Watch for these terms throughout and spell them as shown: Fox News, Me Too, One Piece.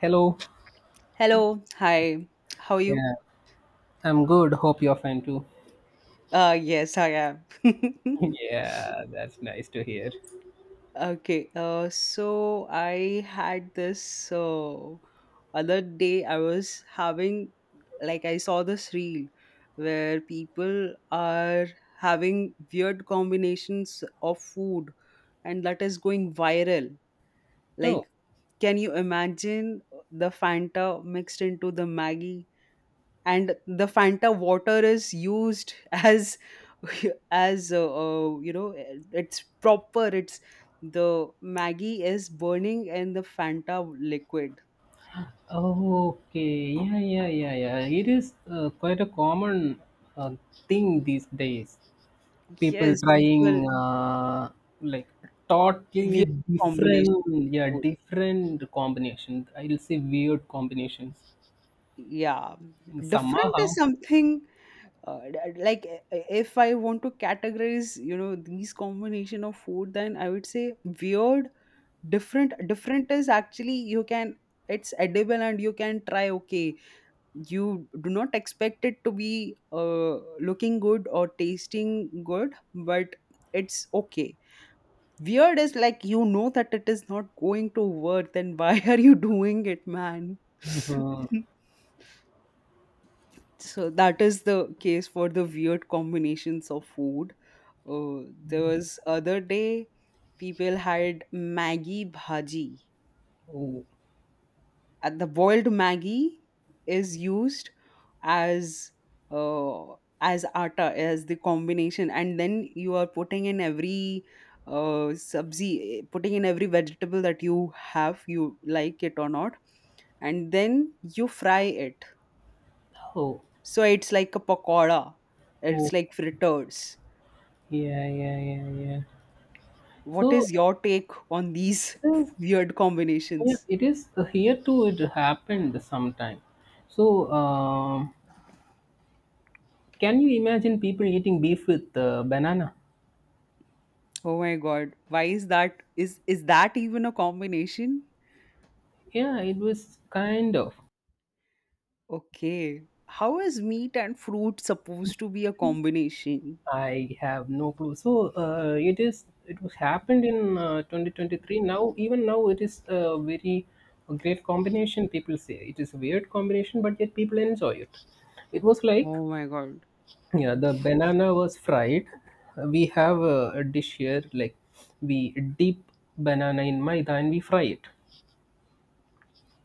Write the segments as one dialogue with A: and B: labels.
A: Hello.
B: Hello, hi. How are you?
A: Yeah, I'm good. Hope you're fine too.
B: Yes, I am.
A: Yeah, that's nice to hear.
B: Okay, so I had this other day I was having, like, I saw this reel where people are having weird combinations of food, and that is going viral.
A: Oh.
B: Like, can you imagine the Fanta mixed into the Maggie, and the fanta water is used as as it's proper, it's the maggie is burning in the fanta liquid.
A: Okay. Yeah, yeah, yeah, yeah. It is quite a common uh, thing these days. People
B: Yes, people,
A: trying like totally
B: weird combination
A: different,
B: of
A: yeah,
B: food.
A: different combinations. I'll say weird combinations.
B: Yeah, different
A: Somehow.
B: is something, like, if I want to categorize, you know, these combination of food, then I would say weird. Different is actually, you can, it's edible and you can try. Okay. You do not expect it to be, looking good or tasting good, but it's okay. Weird is like, you know that it is not going to work, then why are you doing it, man?
A: Mhm.
B: So that is the case for the weird combinations of food. There was other day, people had maggie bhaji.
A: Oh,
B: The boiled Maggie is used as, uh, as atta, as the combination, and then you are putting in every, subzi, putting in every vegetable that you have, you like it or not, and then you fry it.
A: oh,
B: So it's like a pakoda.
A: oh,
B: It's like fritters.
A: yeah, yeah, yeah, yeah.
B: What
A: So,
B: is your take on these
A: this
B: weird
A: Oh, yeah,
B: combinations?
A: it is here too. It happened sometime. So, can you imagine people eating beef with banana?
B: Oh my god, why is that? Is that even a combination?
A: Yeah, it was kind of.
B: Okay. How is meat and fruit supposed to be a combination?
A: I have no clue. So, it is. It was happened in 2023. Now, even now, it is a very great combination. People say it is a weird combination, but yet people enjoy it. It was like
B: Oh my god.
A: yeah, the banana was fried. We have a dish here, like we dip banana in maida and we fry it,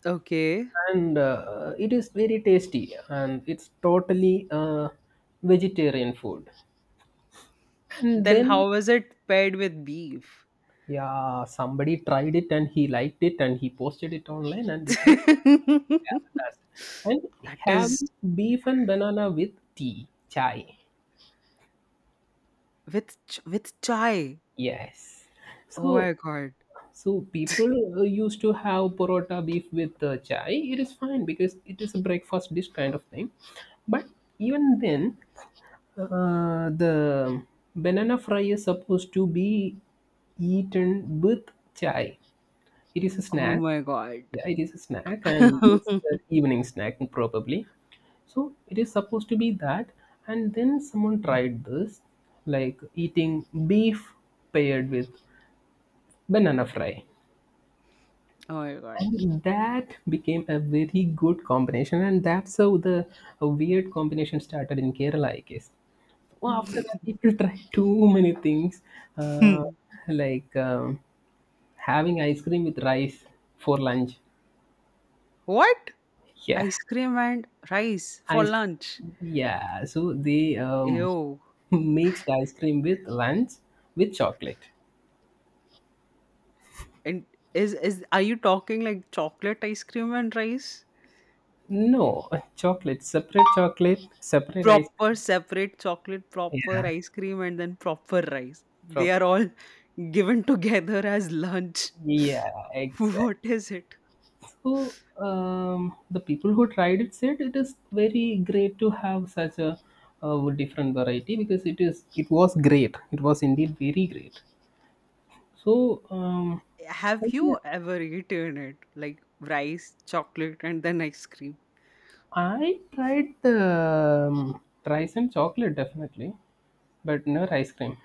B: Okay.
A: and it is very tasty and it's totally vegetarian food. And
B: Then
A: then,
B: how is it paired with beef?
A: yeah, somebody tried it and he liked it and he posted it online and it went. Yeah, that's and
B: That is
A: having beef and banana with tea, chai.
B: with with chai.
A: Yes.
B: Oh
A: So,
B: my god.
A: so people used to have parotta beef with chai. It is fine because it is a breakfast dish kind of thing. But even then, the banana fry is supposed to be eaten with chai. It is a
B: Oh
A: snack.
B: my god.
A: Yeah, it is a snack and
B: Oh
A: it's the evening snack probably. So it is supposed to be that. And then someone tried this, like eating beef paired with banana fry.
B: my god.
A: And that became a very good combination, and that's how the a weird combination started in Kerala, I guess. Well, after that, people tried too many things, uh, like having ice cream with rice for lunch.
B: What?
A: Yeah,
B: Ice cream and rice for
A: ice.
B: lunch.
A: Yeah, so they
B: Ew.
A: mixed ice cream with lunch with chocolate.
B: And is are you talking like chocolate ice cream and rice?
A: No, chocolate, separate ice.
B: Proper separate chocolate, proper
A: Yeah,
B: ice cream, and then proper rice. They
A: proper.
B: are all given together as lunch.
A: Yeah, exactly.
B: What is it?
A: So the people who tried it said it is very great to have such a, different variety because it was great. It was indeed very great. So I
B: Have
A: think
B: you ever eaten it? Like rice, chocolate, and then ice cream.
A: I tried the um, rice chocolate definitely, but never ice cream.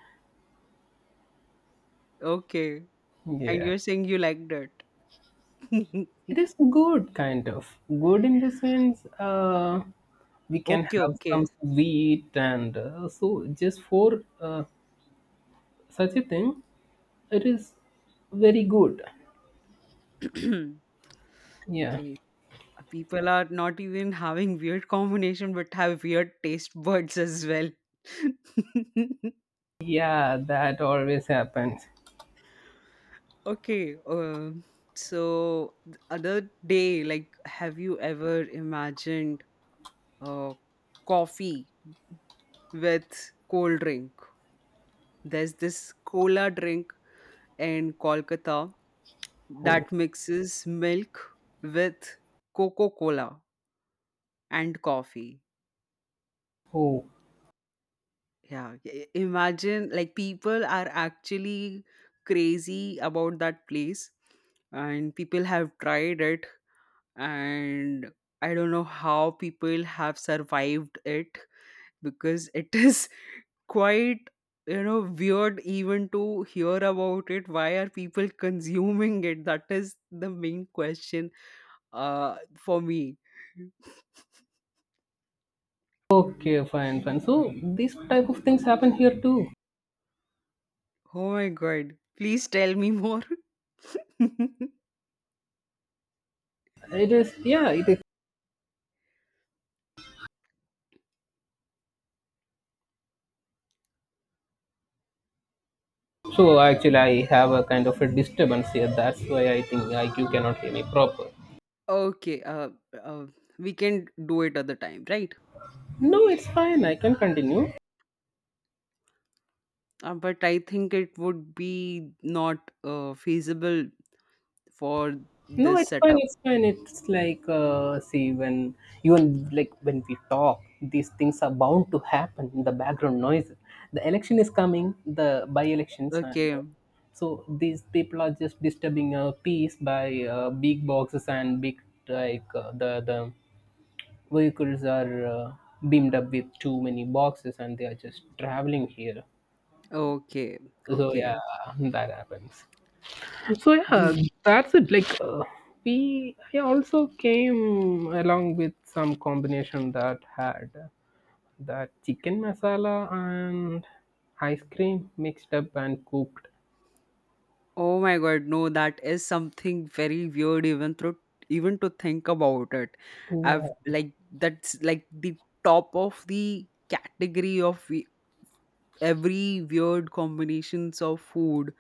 B: Okay. And
A: Yeah,
B: you're saying you liked it.
A: it is good kind of good in the sense we can
B: Okay,
A: have some
B: okay.
A: sweet and so just for such a thing it is very good. Yeah.
B: Okay. People are not even having weird combination but have weird taste buds as well.
A: Yeah, that always happens.
B: Okay, so the other day, like, have you ever imagined, uh, coffee with cold drink? There's this cola drink in Kolkata
A: Oh,
B: that mixes milk with Coca Cola and coffee.
A: oh.
B: Yeah, imagine, like, people are actually crazy about that place, and people have tried it, and I don't know how people have survived it, because it is quite, weird even to hear about it. Why are people consuming it? That is the main question, for me.
A: Okay, fine, fine. So these type of things happen here too.
B: Oh my god, please tell me more.
A: It is, yeah, it is. So actually, I have a kind of a disturbance here. That's why I think IQ cannot hear me proper.
B: Okay, uh we can do it at the time, right?
A: No, it's fine. I can continue.
B: But I think it would be not, feasible for
A: No,
B: this
A: it's fine.
B: setup.
A: It's fine. It's like see when you and like when we talk, these things are bound to happen. The background noise. The election is coming. The by-elections and
B: Okay.
A: so these people are just disturbing our peace by big boxes and big like the vehicles are beamed up with too many boxes and they are just traveling here.
B: Okay.
A: So yeah,
B: Okay.
A: that happens. So yeah, that's it. Like I also came along with some combination that had that chicken masala and ice cream mixed up and cooked.
B: Oh my God, no, that is something very weird even through, even to think about it.
A: Yeah,
B: I've, like, that's like the top of the category of every weird combinations of food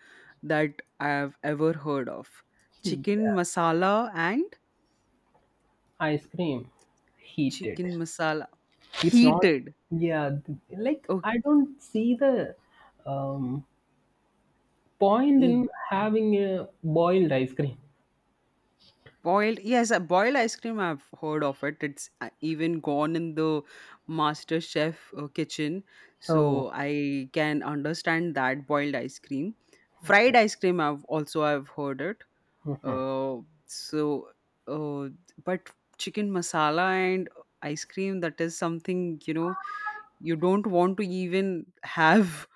B: that I've ever heard of. Chicken masala and
A: ice cream heated.
B: chicken masala
A: It's not.
B: heated.
A: Yeah, like I don't see the um, point
B: Okay.
A: in having a boiled ice cream.
B: Boiled, yes, boiled ice cream. I've heard of it. It's, even gone in the Master Chef, kitchen,
A: Oh,
B: so I can understand that boiled ice cream. Fried
A: okay.
B: ice cream. I've also, I've heard it.
A: Mhm.
B: So, uh, but chicken masala and ice cream. That is something you know you don't want to even have,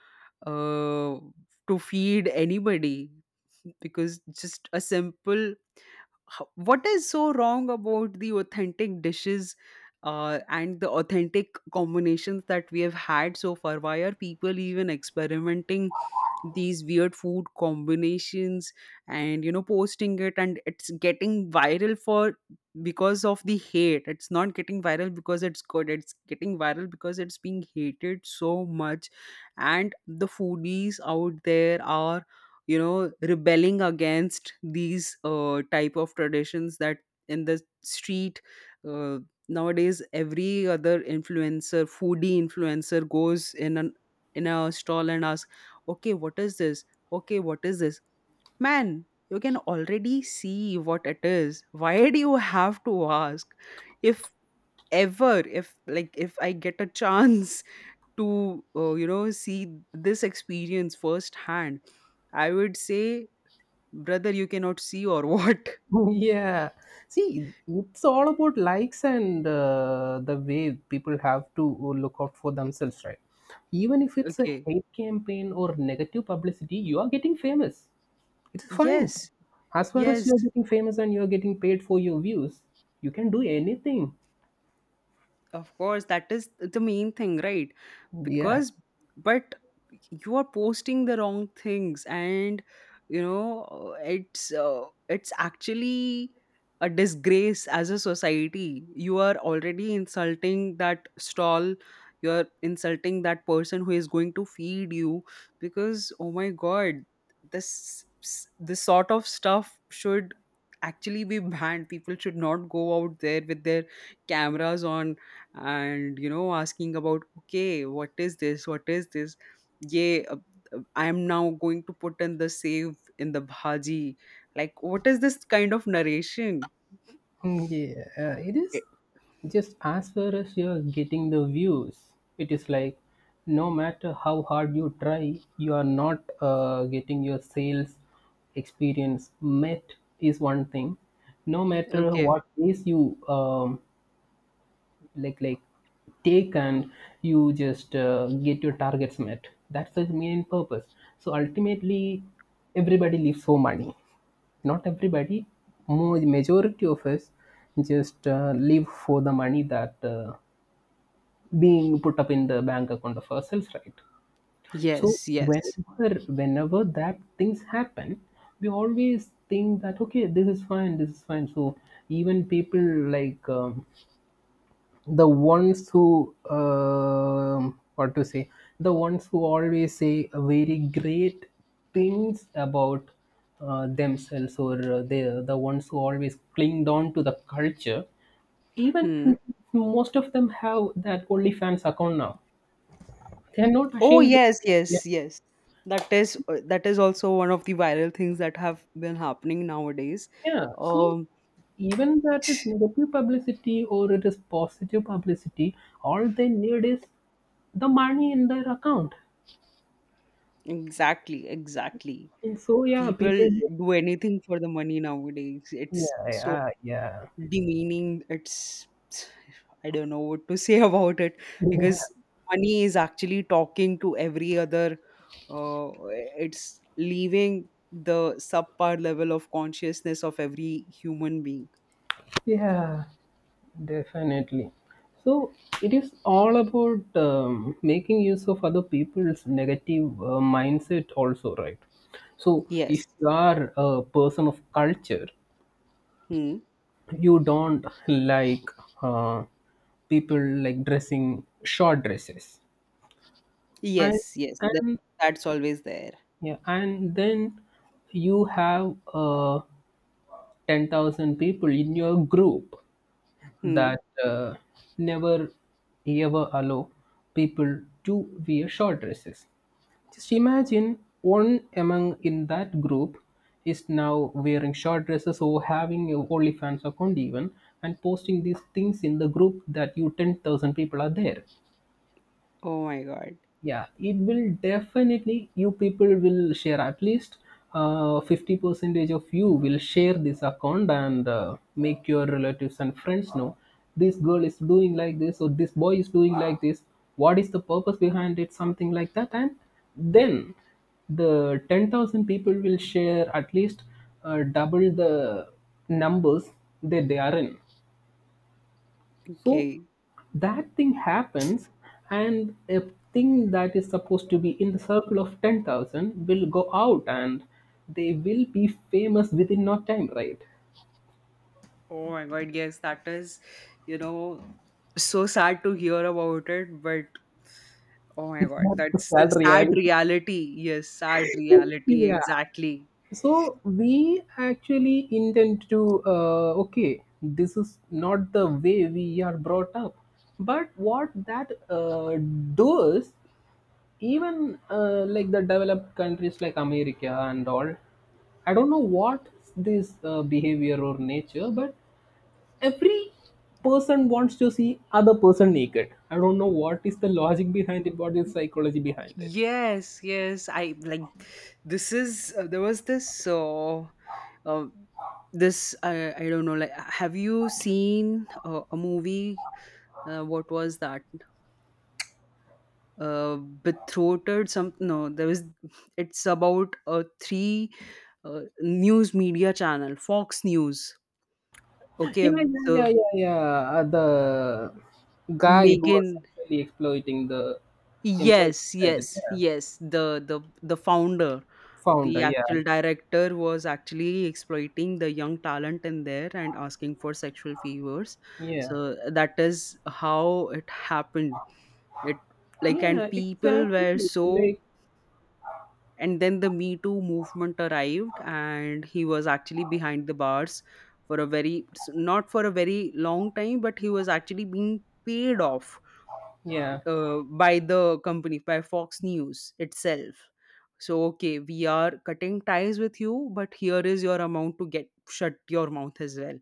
B: uh, to feed anybody, because just a simple what is so wrong about the authentic dishes, and the authentic combinations that we have had so far? Why are people even experimenting these weird food combinations and, posting it and it's getting viral for because of the hate. It's not getting viral because it's good. It's getting viral because it's being hated so much, and the foodies out there are, rebelling against these, type of traditions that in the street. uh, Nowadays, every other influencer, foodie influencer goes in an in a stall and asks, okay, what is this, okay, what is this, man, you can already see what it is, why do you have to ask? If ever, if like, if I get a chance to, see this experience firsthand, I would say, "Brother, you cannot see or what?"
A: Yeah, see it's all about likes and the way people have to look out for themselves right even if it's a
B: Okay.
A: hate campaign or negative publicity you are getting famous, it's fine.
B: Yes.
A: As far as
B: Yes.
A: you're getting famous and you're getting paid for your views you can do anything,
B: Of course, that is the main thing, right?
A: yeah.
B: Because, but you are posting the wrong things, and, it's actually a disgrace as a society. You are already insulting that stall. You are insulting that person who is going to feed you, because, oh my god, this this sort of stuff should actually be banned. People should not go out there with their cameras on and, asking about, okay, what is this, what is this, yeah, I am now going to put in the save in the bhaji, like, what is this kind of narration?
A: Yeah, it is
B: Eh,
A: just as far as you're getting the views. It is like no matter how hard you try, you are not getting your sales experience met is one thing. No matter
B: okay.
A: what pace you like like take and you just get your targets met, that's the main purpose. So ultimately everybody lives for money. Not everybody, more majority of us just live for the money that being put up in the bank account of ourselves, right? So
B: Yes, yes.
A: whenever that things happen, we always think that okay, this is fine, this is fine. So even people like the ones who what to say, the ones who always say very great things about themselves, or the ones who always clinged on to the culture even,
B: Hmm.
A: most of them have that OnlyFans account now. They're not
B: Oh,
A: ashamed.
B: yes,
A: Yeah,
B: yes, yes, that is, that is also one of the viral things that have been happening nowadays.
A: yeah. So
B: um
A: even that is negative publicity or it is positive publicity, all they need is the money in their account.
B: exactly, exactly.
A: And so yeah
B: People
A: people,
B: do anything for the money nowadays.
A: yeah,
B: It's so
A: yeah, yeah,
B: demeaning. It's, I don't know what to say about it,
A: yeah,
B: because money is actually talking to every other. It's leaving the subpar level of consciousness of every human being.
A: yeah, definitely. So it is all about making use of other people's negative mindset, also, right? So if
B: Yes.
A: you are a person of culture,
B: Hmm.
A: you don't like uh, people like dressing short dresses, and
B: Yes. Yes. That,
A: and
B: that's always there.
A: yeah, and then you have 10,000 people in your group
B: Hmm.
A: that never ever allow people to wear short dresses. Just imagine one among in that group is now wearing short dresses or having a OnlyFans account even and posting these things in the group that you 10,000 people are there.
B: Oh my God.
A: Yeah, it will definitely, you people will share at least 50 percentage of you will share this account and make your relatives and friends know this girl is doing like this or this boy is doing like this, what is the purpose behind it, something like that. And then the 10,000 people will share at least double the numbers that they are in. So
B: Okay.
A: that thing happens, and a thing that is supposed to be in the circle of 10,000 will go out and they will be famous within no time, right?
B: Oh my God. Yes, that is, you know, so sad to hear about it, but oh my god,
A: That's the
B: that's the
A: sad
B: sad
A: reality.
B: reality. Yes, sad reality,
A: Yeah.
B: exactly.
A: So we actually intend to, okay, this is not the way we are brought up. But what that does. Even like the developed countries like America and all, I don't know what this behavior or nature, but every person wants to see other person naked. I don't know what is the logic behind it, what is psychology behind it.
B: Yes, yes. I like This is, there was this, uh this, I don't know, like, have you seen, a movie, what was that, betrothed, some, no, there was, it's about a three, news media channel, Fox News,
A: Yeah,
B: okay,
A: yeah, yeah,
B: so,
A: yeah, yeah. The guy who
B: Megan.
A: was sexually exploiting the employee
B: Yes,
A: said it,
B: yes,
A: yeah.
B: yes. The founder,
A: Founder,
B: the
A: yeah,
B: actual director was actually exploiting the young talent in there and asking for sexual favors.
A: yeah,
B: So that is how it happened. It, like,
A: yeah,
B: and people
A: exactly.
B: were so,
A: Like,
B: and then the Me Too movement arrived and he was actually behind the bars for a very, not for a very long time, but he was actually being paid off,
A: yeah,
B: by the company, by Fox News itself. So, okay, we are cutting ties with you, but here is your amount to get shut your mouth as well.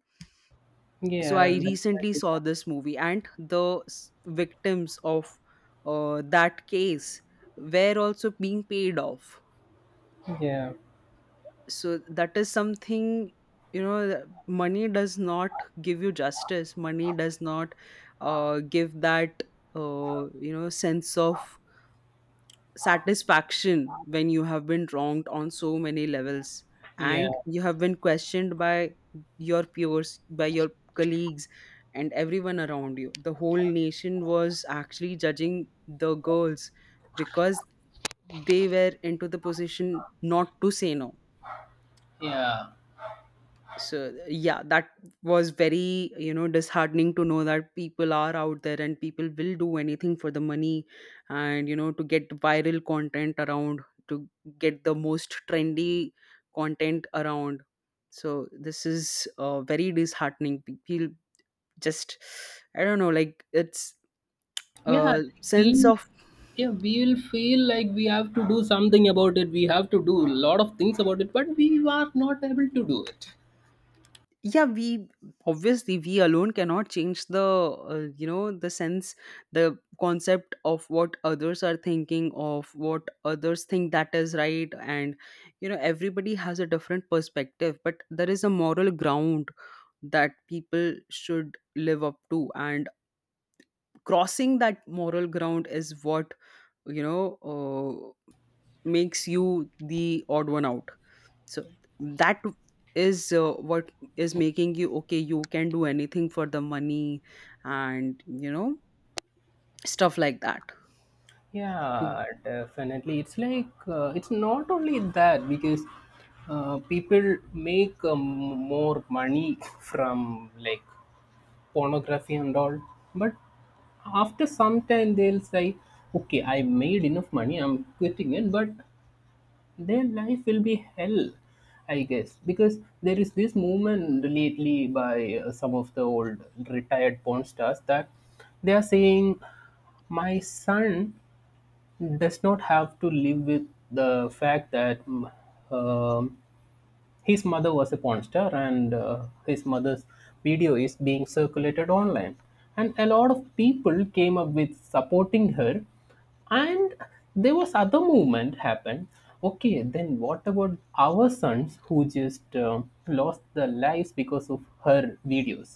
B: So I
A: yeah,
B: recently
A: like,
B: saw this movie, and the victims of, that case were also being paid off.
A: yeah, yeah.
B: So that is something, money does not give you justice. Money does not, give that, sense of satisfaction when you have been wronged on so many levels,
A: Yeah,
B: and you have been questioned by your peers, by your colleagues, and everyone around you. The whole nation was actually judging the girls because they were into the position not to say no.
A: yeah,
B: So, yeah, that was very, disheartening to know that people are out there and people will do anything for the money, and, to get viral content around, to get the most trendy content around. So this is, very disheartening. People just, I don't know, like, it's
A: yeah.
B: a sense of.
A: We, yeah, we will feel like we have to do something about it. We have to do a lot of things about it, but we are not able to do it.
B: Yeah, we obviously, we alone cannot change the, the sense, the concept of what others are thinking, of what others think that is right. And, everybody has a different perspective, but there is a moral ground that people should live up to, and crossing that moral ground is what, you know uh, makes you the odd one out. So that is, what is making you, okay, you can do anything for the money, and, stuff like that. To,
A: Yeah, definitely. It's like it's not only that because people make more money from like pornography and all, but after some time they'll say, "Okay, I made enough money. I'm quitting it," but their life will be hell I guess, because there is this movement lately by some of the old retired porn stars that they are saying my son does not have to live with the fact that um, his mother was a porn star, and his mother's video is being circulated online. And a lot of people came up with supporting her. And there was other movement happened. Okay, then what about our sons who just lost their lives because of her videos?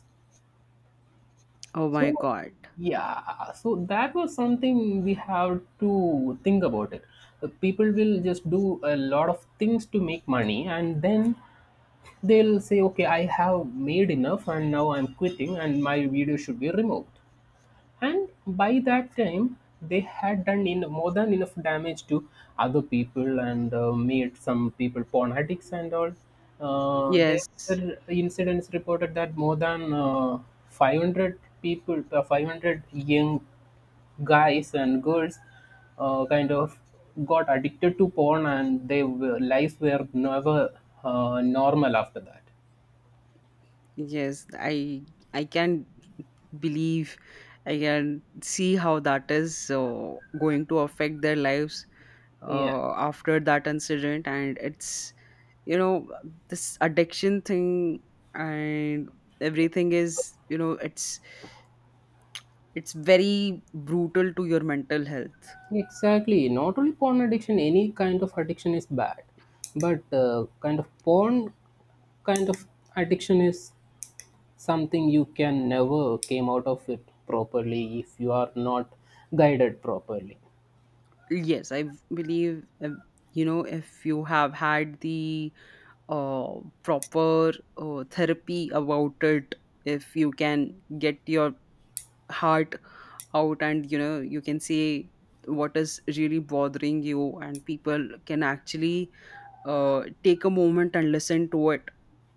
B: oh my
A: So,
B: god,
A: yeah, so that was something we have to think about it. People will just do a lot of things to make money, and then they'll say, okay, I have made enough and now I'm quitting and my video should be removed. And by that time, they had done in more than enough damage to other people and made some people porn addicts and all. There
B: yes,
A: were incidents reported that more than 500 young guys and girls kind of got addicted to porn and their lives were never normal after that.
B: yes. I can believe, I can see how that is, going to affect their lives,
A: Yeah,
B: after that incident, and it's, you know, this addiction thing and everything is, it's very brutal to your mental health.
A: exactly. Not only porn addiction, any kind of addiction is bad, but kind of addiction is something you can never came out of it properly if you are not guided properly.
B: Yes, I believe, you know, if you have had the, proper, therapy about it, if you can get your heart out, and, you know, you can say what is really bothering you, and people can actually, take a moment and listen to it,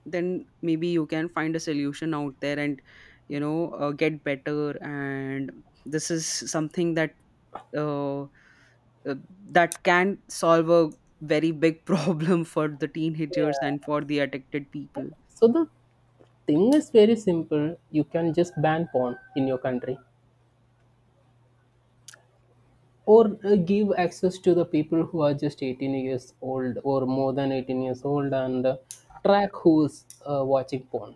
B: then maybe you can find a solution out there, and, get better, and this is something that, uh, uh, that can solve a very big problem for the teenagers
A: Yeah.
B: and for the addicted people.
A: So the thing is very simple. You can just ban porn in your country or give access to the people who are just 18 years old or more than 18 years old and track who's watching porn.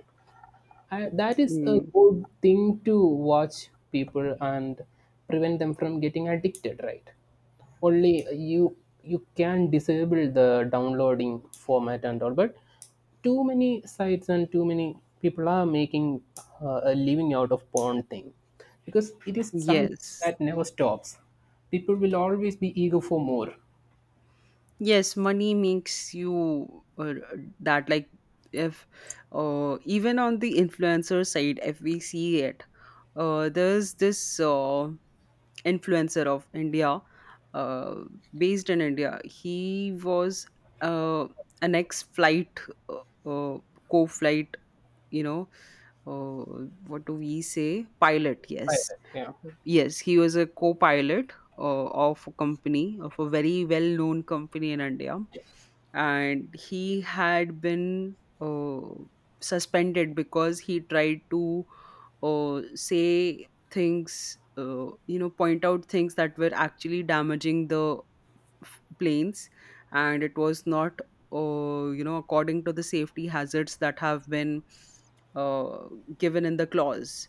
A: I, that is a
B: Mm.
A: good thing to watch people and prevent them from getting addicted, right? only you You can disable the downloading format and all, but too many sites and too many people are making a living out of porn thing because it is something
B: Yes,
A: that never stops. People will always be eager for more.
B: yes, money makes you, that, like, if, even on the influencer side if we see it, there's this, influencer of India, uh, based in India. He was, uh, an ex-flight, uh, uh, co-flight, you know, uh, what do we say? Pilot, yes.
A: Pirate, yeah.
B: Yes, he was a co pilot, of a company, of a very well known company in India. And he had been, suspended because he tried to, say things, you know, point out things that were actually damaging the planes, and it was not, according to the safety hazards that have been, uh, given in the clause.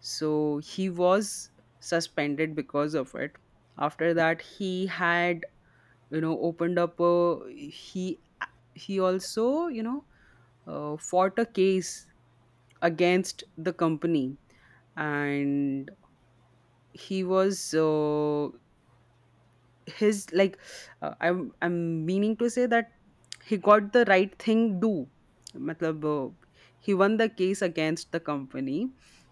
B: So he was suspended because of it. After that he had, opened up a, he also, fought a case against the company. And he was, his, like, I'm meaning to say that he got the right thing do, matlab, he won the case against the company,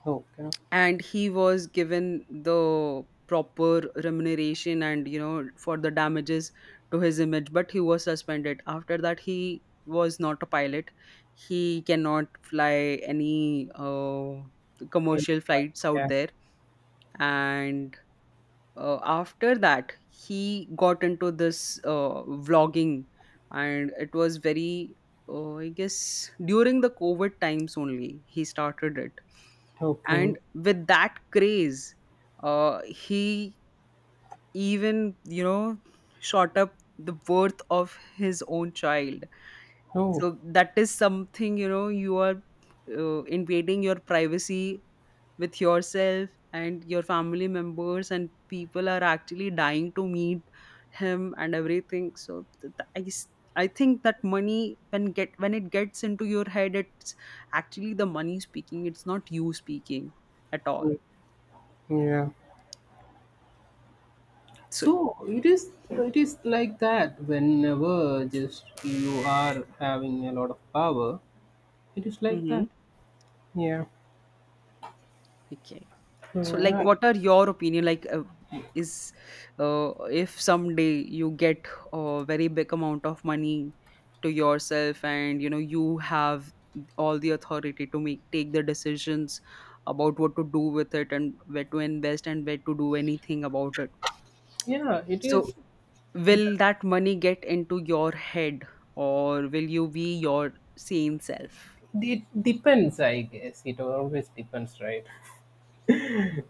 A: Okay.
B: and he was given the proper remuneration, and, for the damages to his image, but he was suspended. After that he was not a pilot. He cannot fly any,
A: Any,
B: commercial flights out
A: yeah.
B: there. And, after that he got into this, vlogging, and it was very, I guess during the covid times only he started it.
A: Okay.
B: And with that craze, he even, shot up the worth of his own child.
A: Oh,
B: So that is something you know you are, invading your privacy with yourself and your family members, and people are actually dying to meet him and everything. So I think that money, when it gets into your head, it's actually the money speaking, it's not you speaking at all.
A: oh, yeah.
B: So.
A: So it is, it is like that whenever just you are having a lot of power, it is like that.
B: Mhm.
A: Yeah.
B: Okay,
A: So
B: so,
A: yeah,
B: like, what are your opinion, like, is, uh, if someday you get a very big amount of money to yourself, and you know you have all the authority to make take the decisions about what to do with it, and where to invest, and where to do anything about it.
A: yeah,
B: So will that money get into your head, or will you be your sane self?
A: it depends I guess. It always depends, right?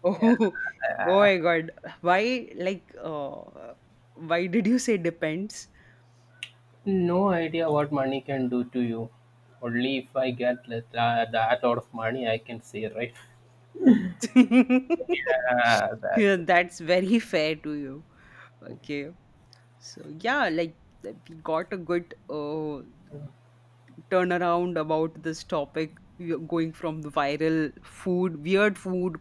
B: Oh, oh my God. Why, like, why did you say depends?
A: No idea what money can do to you. Only if I get that, that lot of money I can say, right? Ah,
B: Yeah,
A: that's
B: that's very fair to you. Okay. So, yeah, like, we got a good, turnaround about this topic. We are going from the viral food, weird food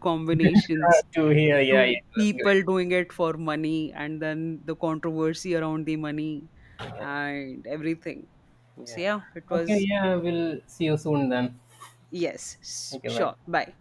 B: combinations
A: to hear, yeah, yeah.
B: to
A: That's good.
B: people doing it for money and then the controversy around the money
A: Yeah.
B: and everything. So,
A: Yeah.
B: yeah, it
A: Okay,
B: was.
A: yeah, we'll see you soon then.
B: Yes,
A: Okay, bye.
B: sure. Bye.